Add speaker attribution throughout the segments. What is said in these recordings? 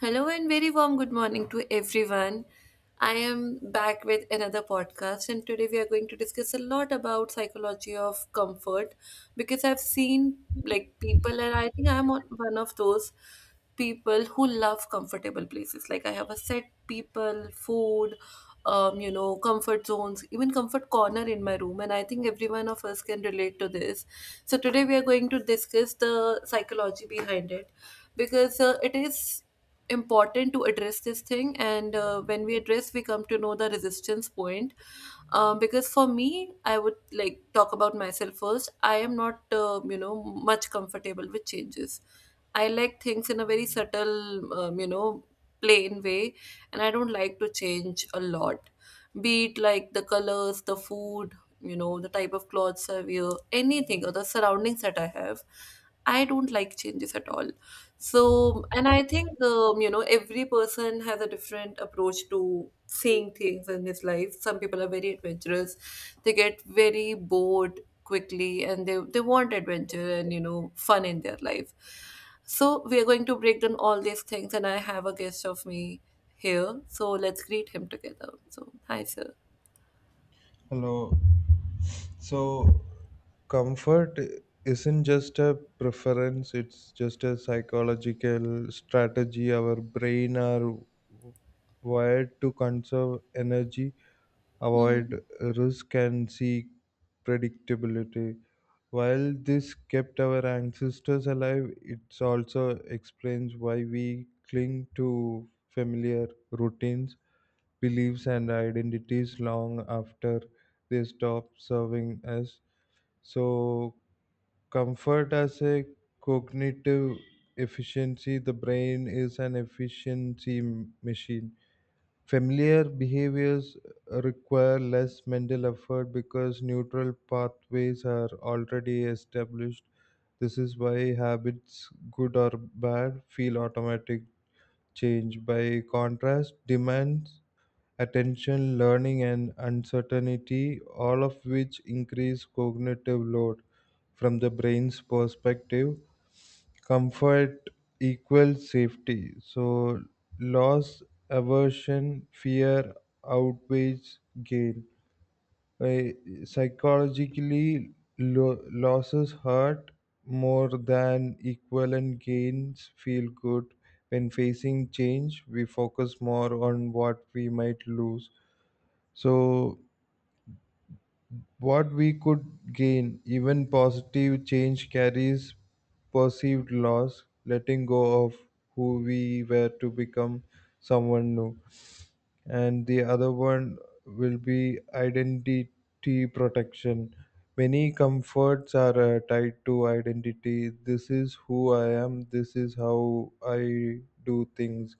Speaker 1: Hello and very warm good morning to everyone. I am back with another podcast, and today we are going to discuss a lot about psychology of comfort because I've seen like people, and I think I'm on one of those people who love comfortable places. Like I have a set people, food, comfort zones, even comfort corner in my room, and I think every one of us can relate to this. So today we are going to discuss the psychology behind it because it is important to address this thing, and when we address we come to know the resistance point. Because for me, I would like talk about myself first. I am not much comfortable with changes. I like things in a very subtle, plain way, and I don't like to change a lot, be it like the colors, the food, you know, the type of clothes I wear, anything, or the surroundings that I have. I don't like changes at all. So, and I think, every person has a different approach to seeing things in his life. Some people are very adventurous. They get very bored quickly and they want adventure and, you know, fun in their life. So, we are going to break down all these things, and I have a guest of me here. So, let's greet him together. So, hi, sir.
Speaker 2: Hello. So, comfort isn't just a preference, it's just a psychological strategy. Our brain are wired to conserve energy,
Speaker 1: hmm
Speaker 2: avoid risk, and seek predictability. While this kept our ancestors alive, it also explains why we cling to familiar routines beliefs and identities long after they stop serving us. So, comfort as a cognitive efficiency, the brain is an efficiency machine. Familiar behaviors require less mental effort because neutral pathways are already established. This is why habits, good or bad, feel automatic change. By contrast, demands attention, learning, and uncertainty, all of which increase cognitive load. From the brain's perspective, comfort equals safety. So, loss, aversion, fear outweighs gain. Psychologically, losses hurt more than equivalent gains feel good. When facing change, we focus more on what we might lose so, what we could gain, even positive change carries perceived loss, letting go of who we were to become someone new. And the other one will be identity protection. Many comforts are tied to identity. This is who I am, this is how I do things.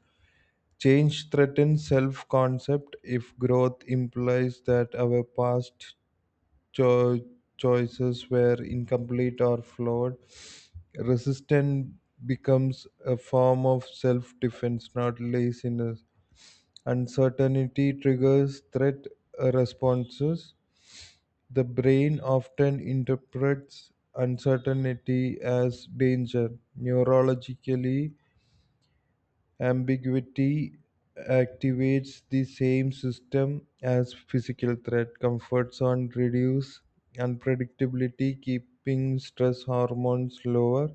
Speaker 2: Change threatens self concept if growth implies that our past cho- choices were incomplete or flawed. Resistance becomes a form of self defense, not laziness. Uncertainty triggers threat responses. The brain often interprets uncertainty as danger. Neurologically, ambiguity activates the same system as physical threat. Comfort zone reduce unpredictability, keeping stress hormones lower.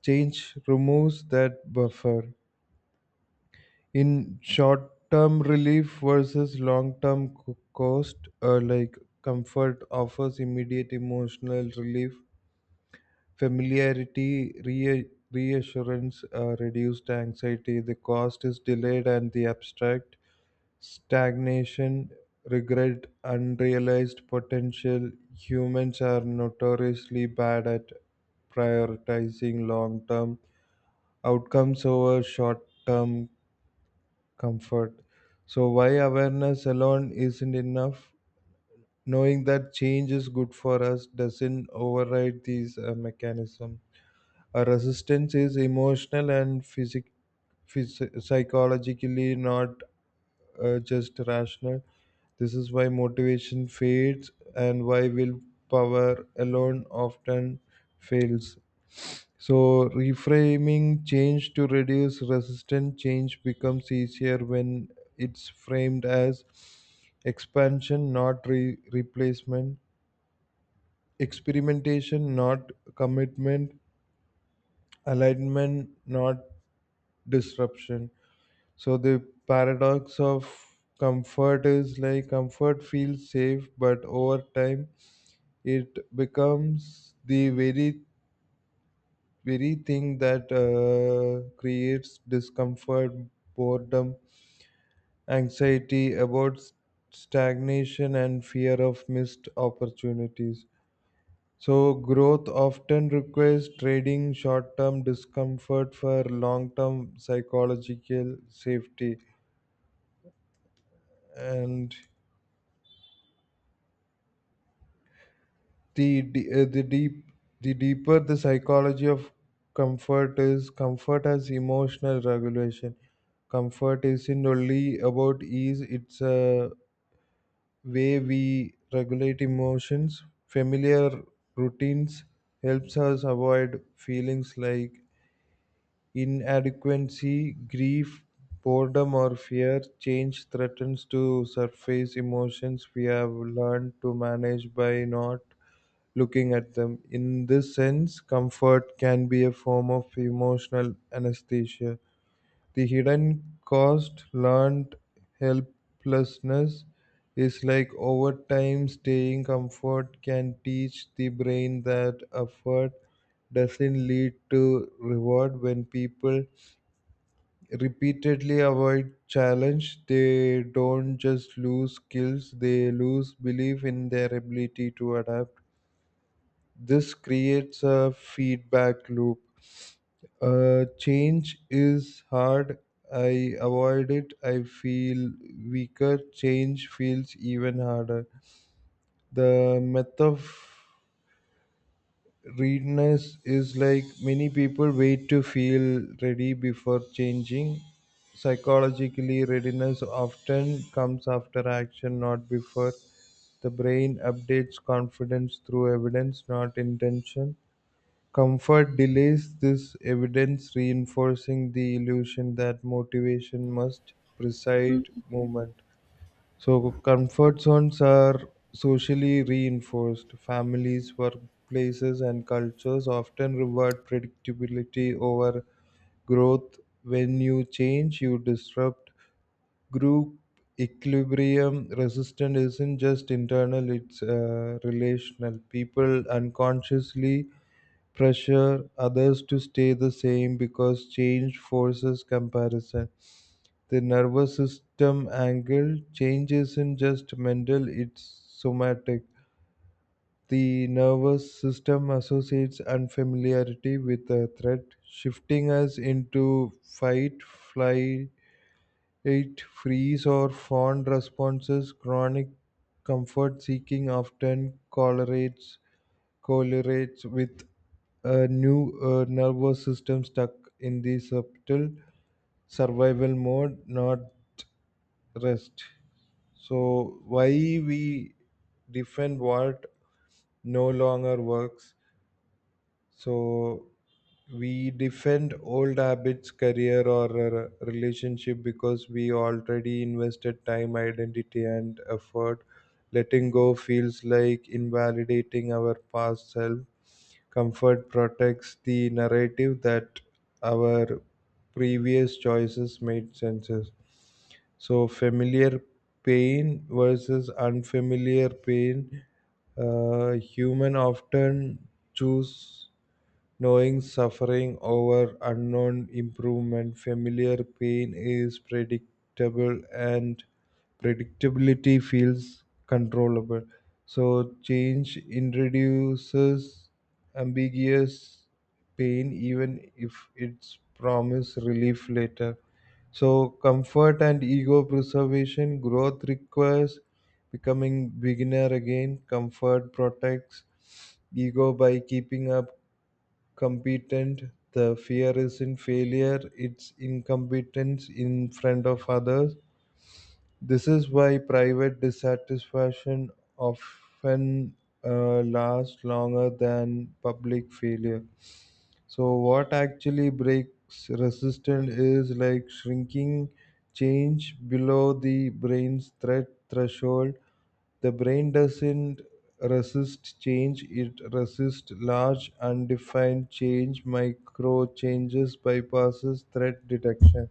Speaker 2: Change removes that buffer. In short term relief versus long term cost, like comfort offers immediate emotional relief. Familiarity, reassurance, reduced anxiety, the cost is delayed, and the abstract stagnation, regret, unrealized potential. Humans are notoriously bad at prioritizing long term outcomes over short term comfort. So, why awareness alone isn't enough? Knowing that change is good for us doesn't override these mechanisms. A resistance is emotional and psychologically not just rational. This is why motivation fades and why willpower alone often fails. So, reframing change to reduce resistance change becomes easier when it's framed as expansion, not replacement, experimentation, not commitment, alignment, not disruption. So the paradox of comfort is like comfort feels safe, but over time it becomes the very thing that creates discomfort, boredom, anxiety about stagnation, and fear of missed opportunities. So, growth often requires trading short term discomfort for long term psychological safety. And the de- uh, the deep the deeper the psychology of comfort is comfort has emotional regulation comfort isn't only about ease it's a way we regulate emotions familiar routines helps us avoid feelings like inadequacy grief boredom or fear change threatens to surface emotions we have learned to manage by not looking at them. In this sense, comfort can be a form of emotional anesthesia. The hidden cost, learned helplessness, is like over time staying comfort can teach the brain that effort doesn't lead to reward when people repeatedly avoid challenge they don't just lose skills they lose belief in their ability to adapt this creates a feedback loop. Change is hard. I avoid it. I feel weaker. Change feels even harder. The myth of readiness is like many people wait to feel ready before changing. Psychologically, readiness often comes after action, not before. The brain updates confidence through evidence, not intention. Comfort delays this evidence, reinforcing the illusion that motivation must precede movement. So, comfort zones are socially reinforced. Families, workplaces, and cultures often reward predictability over growth. When you change, you disrupt group equilibrium. Resistance isn't just internal, it's relational. People unconsciously pressure others to stay the same because change forces comparison. The nervous system angle change isn't just mental, it's somatic. The nervous system associates unfamiliarity with a threat, shifting us into fight, flight, freeze, or fawn responses. Chronic comfort seeking often correlates with a new nervous system stuck in the subtle survival mode, not rest. So, why we defend what no longer works? So, we defend old habits, career, or a relationship because we already invested time, identity, and effort. Letting go feels like invalidating our past self. Comfort protects the narrative that our previous choices made sense. So, familiar pain versus unfamiliar pain, human often choose knowing suffering over unknown improvement, familiar pain is predictable and predictability feels controllable. So change introduces ambiguous pain even if it's promise relief later. So comfort and ego preservation growth requires becoming beginner again. Comfort protects ego by keeping up competent. The fear is in failure, it's incompetence in front of others. This is why private dissatisfaction often lasts longer than public failure. So what actually breaks resistance is like shrinking change below the brain's threat threshold. The brain doesn't resist change, it resists large undefined change, micro changes bypasses threat detection.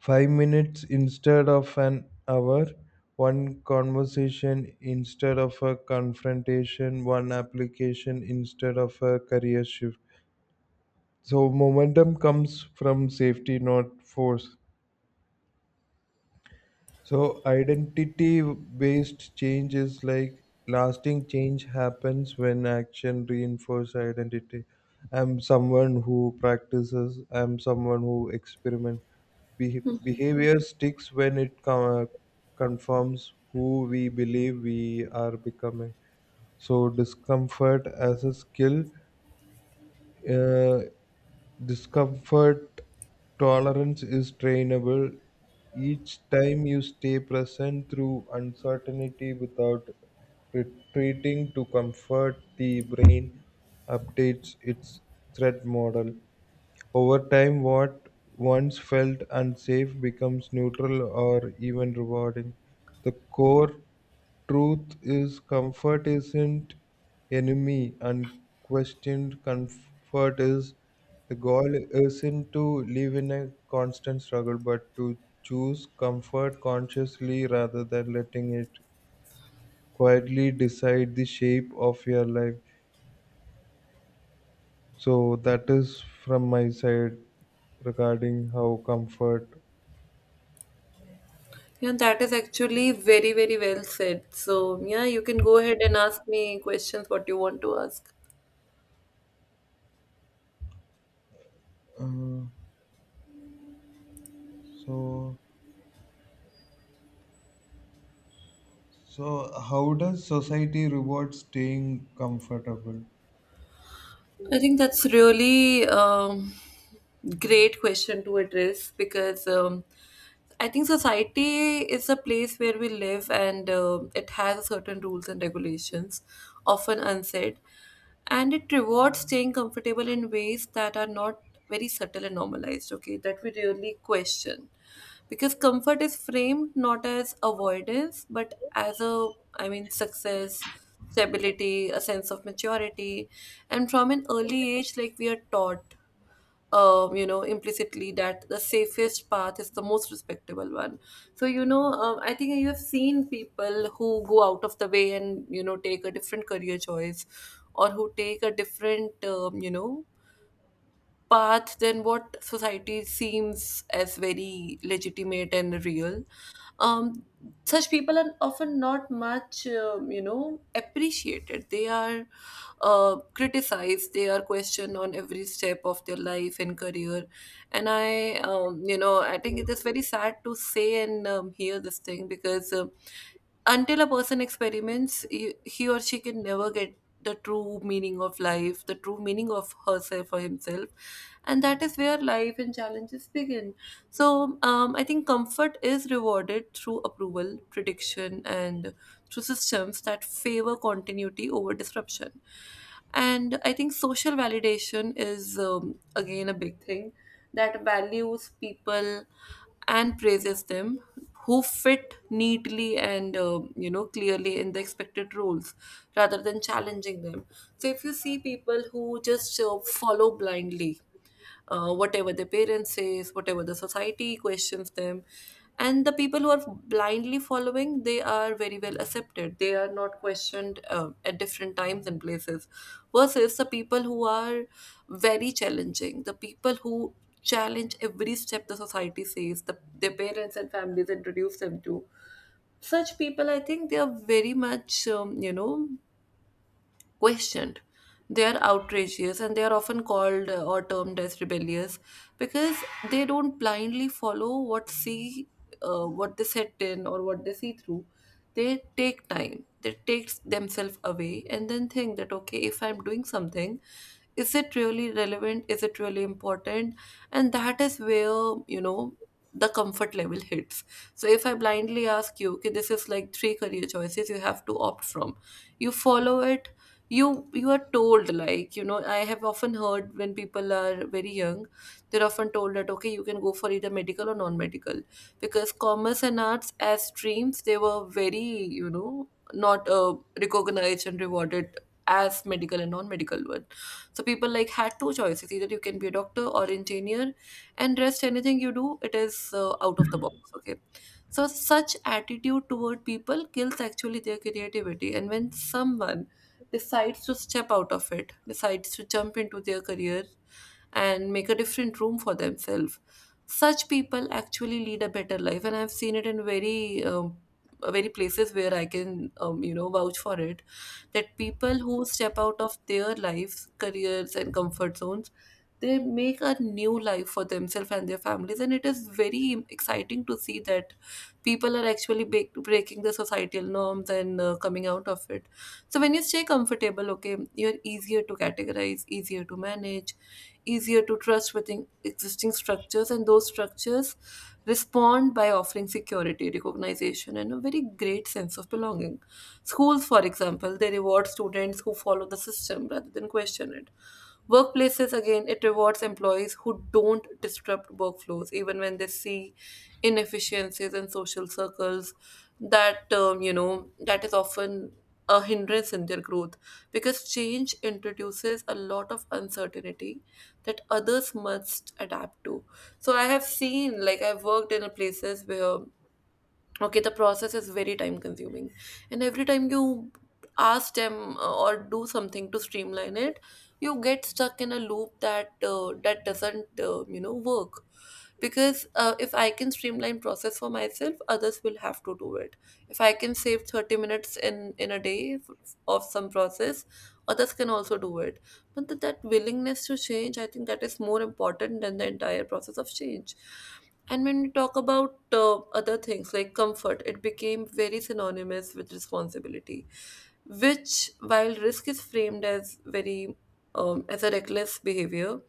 Speaker 2: 5 minutes instead of an hour, one conversation instead of a confrontation, one application instead of a career shift. So momentum comes from safety, not force. So identity-based change is like lasting change happens when action reinforces identity. I'm someone who practices. I'm someone who experiments. Behavior sticks when it confirms who we believe we are becoming. So discomfort as a skill. uh, Discomfort tolerance is trainable. Each time you stay present through uncertainty without retreating to comfort, the brain updates its threat model. Over time, what once felt unsafe becomes neutral or even rewarding. The core truth is comfort isn't enemy. Unquestioned comfort is the goal isn't to live in a constant struggle, but to choose comfort consciously rather than letting it quietly decide the shape of your life. So that is from my side regarding how comfort.
Speaker 1: Yeah, that is actually very, very well said. So, yeah, you can go ahead and ask me questions what you want to ask.
Speaker 2: Uh, so so how does society reward staying comfortable?
Speaker 1: I think that's really great question to address, because I think society is a place where we live, and it has certain rules and regulations, often unsaid, and it rewards staying comfortable in ways that are not very subtle and normalized. Okay, that we really question, because comfort is framed not as avoidance but as a, I mean, success, stability, a sense of maturity. And from an early age, like, we are taught, implicitly, that the safest path is the most respectable one. So, you know, I think you have seen people who go out of the way and, you know, take a different career choice, or who take a different, path than what society seems as very legitimate and real. Um, Such people are often not much, appreciated. They are criticized. They are questioned on every step of their life and career. And I, I think it is very sad to say and hear this thing, because until a person experiments, he or she can never get the true meaning of life, the true meaning of herself or himself, and that is where life and challenges begin. So I think comfort is rewarded through approval, prediction, and through systems that favor continuity over disruption. And I think social validation is, again, a big thing that values people and praises them who fit neatly and clearly in the expected roles rather than challenging them. So if you see people who just follow blindly, whatever their parents says, whatever the society questions them, and the people who are blindly following, they are very well accepted. They are not questioned at different times and places, versus the people who are very challenging, the people who challenge every step the society says, their parents and families introduce them to. Such people, I think they are very much, questioned. They are outrageous, and they are often called or termed as rebellious because they don't blindly follow what see, what they set in, or what they see through. They take time. They take themselves away and then think that, okay, if I'm doing something, is it really relevant? Is it really important? And that is where, you know, the comfort level hits. So if I blindly ask you, okay, this is like three career choices you have to opt from, you follow it. You are told, like, you know, I have often heard when people are very young, they're often told that, okay, you can go for either medical or non-medical, because commerce and arts as streams, they were very, you know, not recognized and rewarded as medical and non-medical one. So people like had two choices: either you can be a doctor or engineer, and rest anything you do, it is out of the box, okay. So such attitude toward people kills actually their creativity. And when someone decides to step out of it, decides to jump into their career and make a different room for themselves, such people actually lead a better life. And I've seen it in very, very places where I can, vouch for it, that people who step out of their lives, careers, and comfort zones, they make a new life for themselves and their families, and it is very exciting to see that people are actually breaking the societal norms and coming out of it. So when you stay comfortable, okay, you're easier to categorize, easier to manage, easier to trust within existing structures, and those structures respond by offering security, recognition, and a very great sense of belonging. Schools, for example, they reward students who follow the system rather than question it. Workplaces, again, it rewards employees who don't disrupt workflows, even when they see inefficiencies in social circles. That, that is often a hindrance in their growth, because change introduces a lot of uncertainty that others must adapt to. So I have seen, like, I've worked in places where, okay, the process is very time consuming, and every time you ask them, or do something to streamline it, you get stuck in a loop that, that doesn't, work. Because if I can streamline process for myself, others will have to do it. If I can save 30 minutes in a day of some process, others can also do it. But that willingness to change, I think that is more important than the entire process of change. And when we talk about other things like comfort, it became very synonymous with responsibility, which, while risk is framed as very, as a reckless behavior,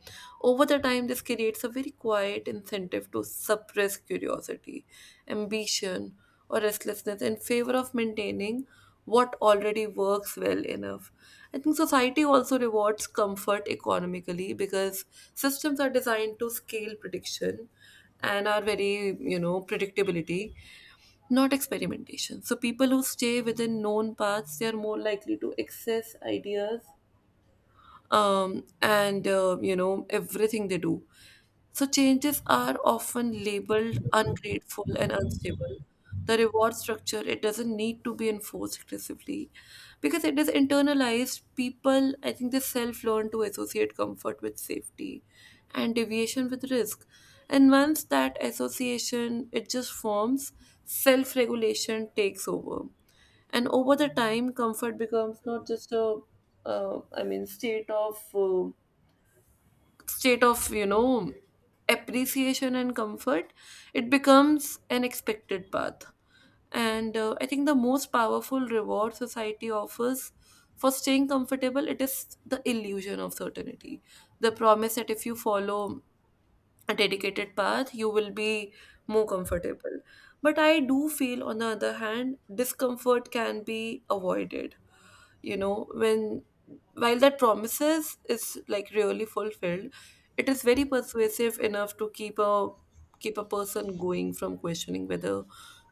Speaker 1: over the time this creates a very quiet incentive to suppress curiosity, ambition, or restlessness in favor of maintaining what already works well enough. I think society also rewards comfort economically because systems are designed to scale prediction, and are very, you know, predictability, not experimentation. So people who stay within known paths, they are more likely to access ideas, and, everything they do. So changes are often labeled ungrateful and unstable. The reward structure, it doesn't need to be enforced aggressively because it is internalized. People, I think they self learn to associate comfort with safety and deviation with risk. And once that association it just forms, self regulation takes over, and over the time comfort becomes not just a, I mean, state of, state of you know appreciation and comfort. It becomes an expected path. And I think the most powerful reward society offers for staying comfortable, it is the illusion of certainty, the promise that if you follow a dedicated path, you will be more comfortable. But I do feel, on the other hand, discomfort can be avoided. You know, when while that promises is like really fulfilled, it is very persuasive enough to keep a person going from questioning whether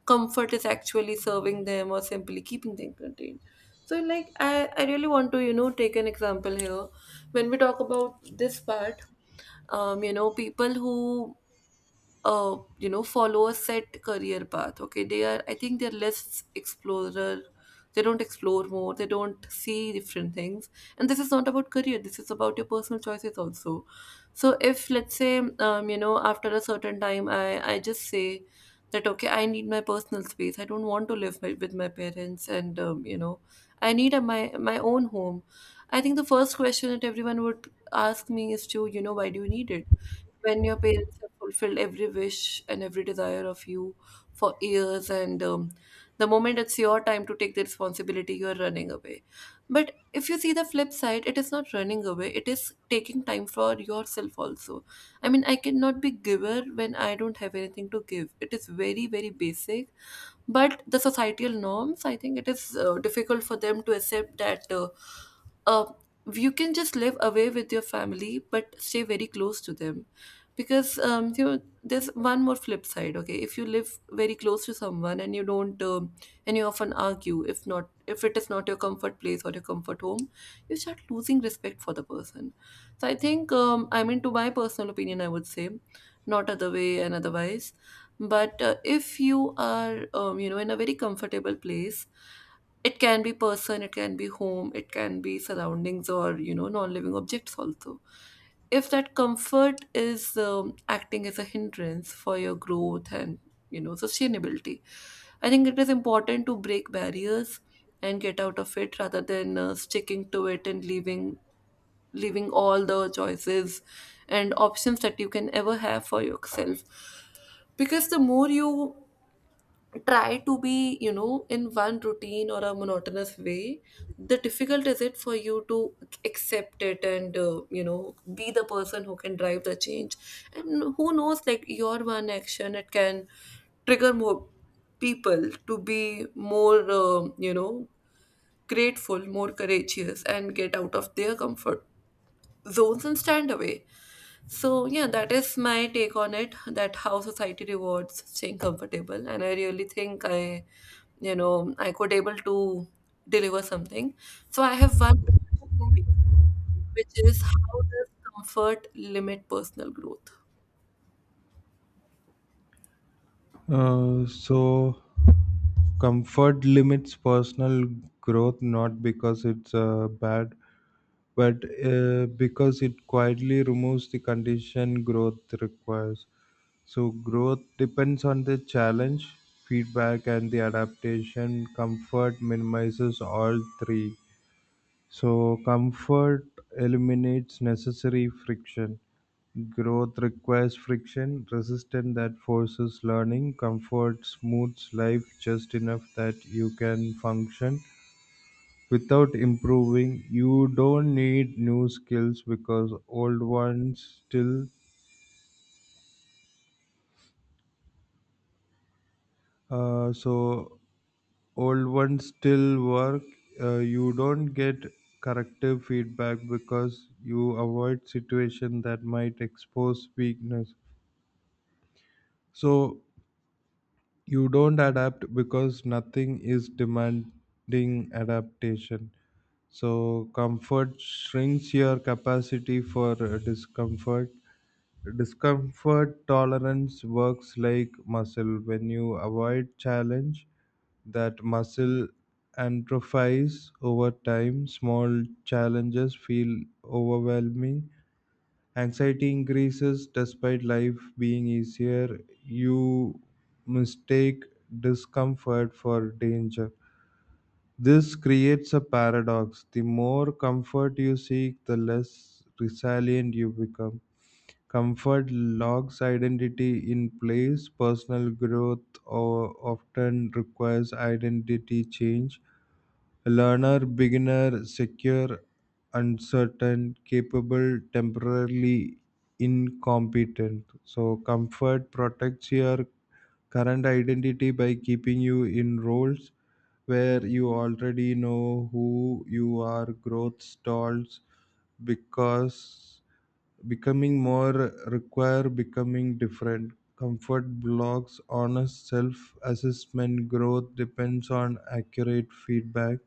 Speaker 1: comfort is actually serving them or simply keeping them contained. So like I really want to, you know, take an example here. When we talk about this part, people who follow a set career path, okay, they are, I think they're less explorer. They don't explore more, they don't see different things. And this is not about career, this is about your personal choices also. So if, let's say, after a certain time, I just say that, okay, I need my personal space, I don't want to live my, with my parents, and I need a, my own home. I think the first question that everyone would ask me is to, you know, why do you need it when your parents have fulfilled every wish and every desire of you for years, and the moment it's your time to take the responsibility you are running away. But if you see the flip side, it is not running away, it is taking time for yourself also. I mean, I cannot be giver when I don't have anything to give. It is very very basic. But the societal norms, I think it is difficult for them to accept that uh, you can just live away with your family but stay very close to them. Because there's one more flip side. Okay, if you live very close to someone and you don't and you often argue, if not, if it is not your comfort place or your comfort home, you start losing respect for the person. So I think I mean, to my personal opinion, I would say not other way and otherwise. But if you are in a very comfortable place, it can be person, it can be home, it can be surroundings, or, you know, non-living objects also. If that comfort is acting as a hindrance for your growth and, you know, sustainability, I think it is important to break barriers and get out of it, rather than sticking to it and leaving all the choices and options that you can ever have for yourself. Because the more you try to be, you know, in one routine or a monotonous way, the difficult is it for you to accept it and, be the person who can drive the change. And who knows, like, your one action, it can trigger more people to be more, grateful, more courageous, and get out of their comfort zones and stand away. So yeah, that is my take on it, that how society rewards staying comfortable. And I really think I, you know, I could able to deliver something. So I have one question for you, which is, how does comfort limit personal growth?
Speaker 2: So comfort limits personal growth not because it's bad but because it quietly removes the condition growth requires so growth depends on the challenge feedback and the adaptation comfort minimizes all three so comfort eliminates necessary friction. Growth requires friction, resistance that forces learning, comfort smooths life just enough that you can function without improving. You don't need new skills because uh, so old ones still work. You don't get corrective feedback because you avoid situation that might expose weakness. So you don't adapt because nothing is demanding adaptation. So, comfort shrinks your capacity for discomfort. Discomfort tolerance works like muscle. When you avoid challenge, that muscle atrophies over time. Small challenges feel overwhelming. Anxiety increases despite life being easier. You mistake discomfort for danger. This creates a paradox. The more comfort you seek, the less resilient you become. Comfort locks identity in place. Personal growth or often requires identity change. Learner, beginner, secure, uncertain, capable, temporarily incompetent. So, comfort protects your current identity by keeping you in roles where you already know who you are. Growth stalls because becoming more require becoming different. Comfort blocks honest self assessment. Growth depends on accurate feedback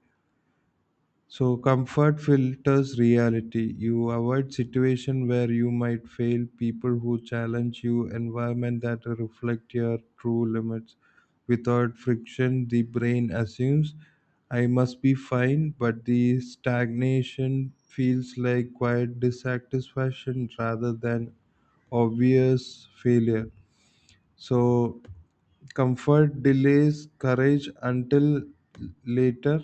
Speaker 2: so comfort filters reality. You avoid situation where you might fail, people who challenge you, environment that reflect your true limits. Without friction, the brain assumes I must be fine, but the stagnation feels like quiet dissatisfaction rather than obvious failure. So comfort delays courage until later.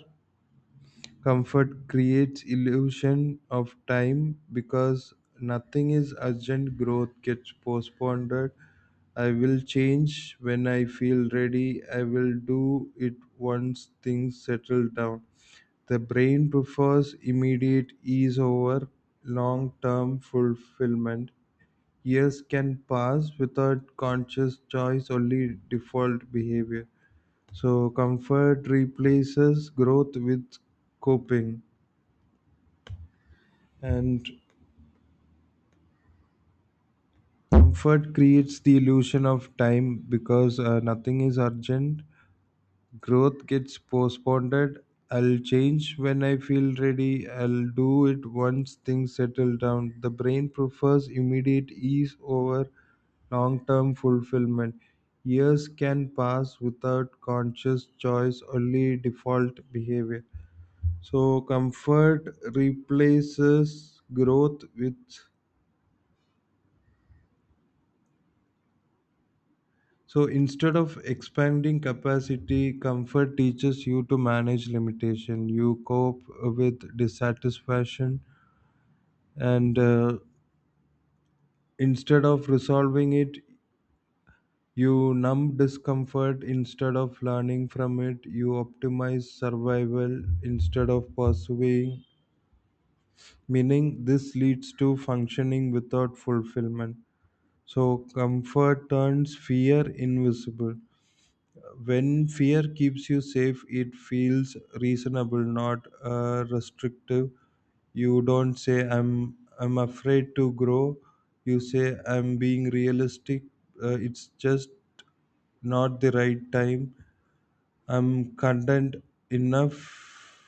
Speaker 2: Comfort creates illusion of time because nothing is urgent. Growth gets postponed. I will change when I feel ready. I will do it once things settle down. The brain prefers immediate ease over long term fulfillment. Years can pass without conscious choice, only default behavior. So, comfort replaces growth with coping. And comfort creates the illusion of time because nothing is urgent. Growth gets postponed. I'll change when I feel ready. I'll do it once things settle down. The brain prefers immediate ease over long term fulfillment. Years can pass without conscious choice, only default behavior. So, comfort replaces growth with. So instead of expanding capacity, comfort teaches you to manage limitation. You cope with dissatisfaction, and instead of resolving it, you numb discomfort. Instead of learning from it, you optimize survival instead of pursuing meaning. This leads to functioning without fulfillment. So comfort turns fear invisible. When fear keeps you safe, it feels reasonable, not restrictive. You don't say, I'm afraid to grow. You say, I'm being realistic. It's just not the right time. I'm content enough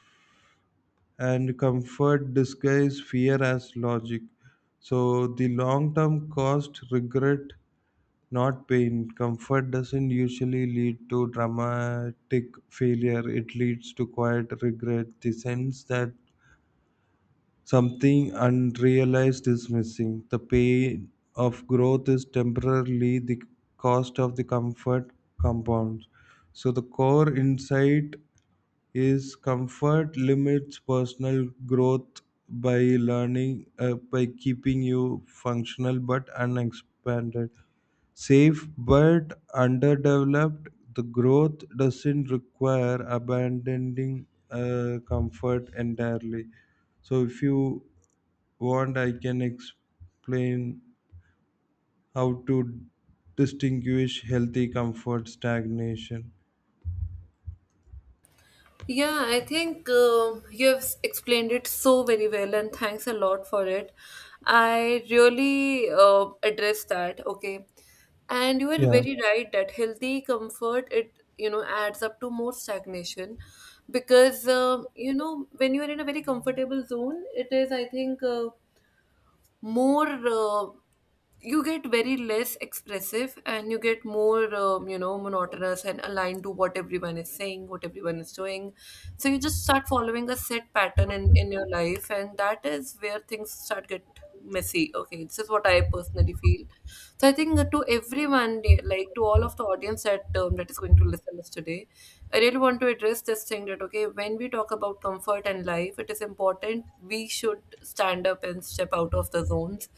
Speaker 2: and comfort disguise fear as logic. So the long term cost regret not pain. Comfort doesn't usually lead to dramatic failure, it leads to quiet regret, the sense that something unrealized is missing. The pain of growth is temporarily the cost of the comfort compounds. So, the core insight is comfort limits personal growth by learning, by keeping you functional but unexpanded safe but underdeveloped, the growth doesn't require abandoning comfort entirely. So, if you want, I can explain how to distinguish healthy comfort stagnation.
Speaker 1: Yeah, I think you have explained it so very well, and thanks a lot for it. I really address that, okay. And you are
Speaker 2: Yeah,
Speaker 1: very right that healthy comfort, it, you know, adds up to more stagnation. Because when you are in a very comfortable zone, it is, I think, more you get very less expressive and you get more, monotonous and aligned to what everyone is saying, what everyone is doing. So you just start following a set pattern in your life, and that is where things start get messy. Okay, this is what I personally feel. So I think that to everyone, like to all of the audience that that is going to listen us today, I really want to address this thing that, okay, when we talk about comfort and life, it is important we should stand up and step out of the zones.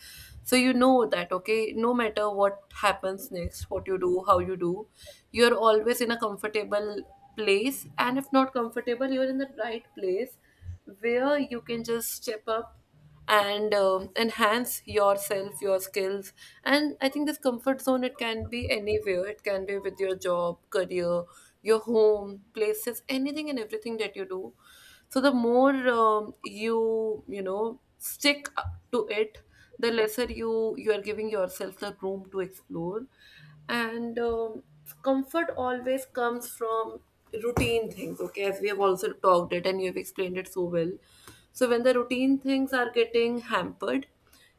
Speaker 1: So you know that, okay, no matter what happens next, what you do, how you do, you're always in a comfortable place. And if not comfortable, you're in the right place where you can just step up and enhance yourself, your skills. And I think this comfort zone, it can be anywhere, it can be with your job, career, your home, places, anything and everything that you do. So the more you know, stick to it, the lesser you are giving yourself the room to explore. And comfort always comes from routine things. Okay, as we have also talked it and you have explained it so well. So when the routine things are getting hampered,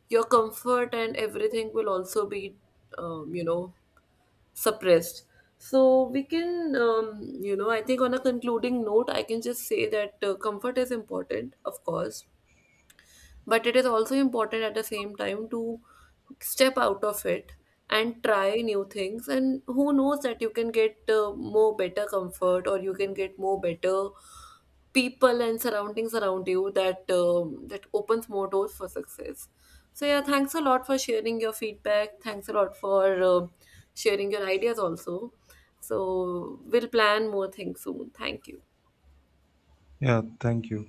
Speaker 1: your comfort and everything will also be, um, you know suppressed. So we can, I think, on a concluding note, I can just say that comfort is important, of course, but it is also important at the same time to step out of it and try new things. And who knows that you can get more better comfort, or you can get more better people and surroundings around you that that opens more doors for success. So yeah, thanks a lot for sharing your feedback, thanks a lot for sharing your ideas also. So we'll plan more things soon. Thank you.
Speaker 2: yeah, thank you.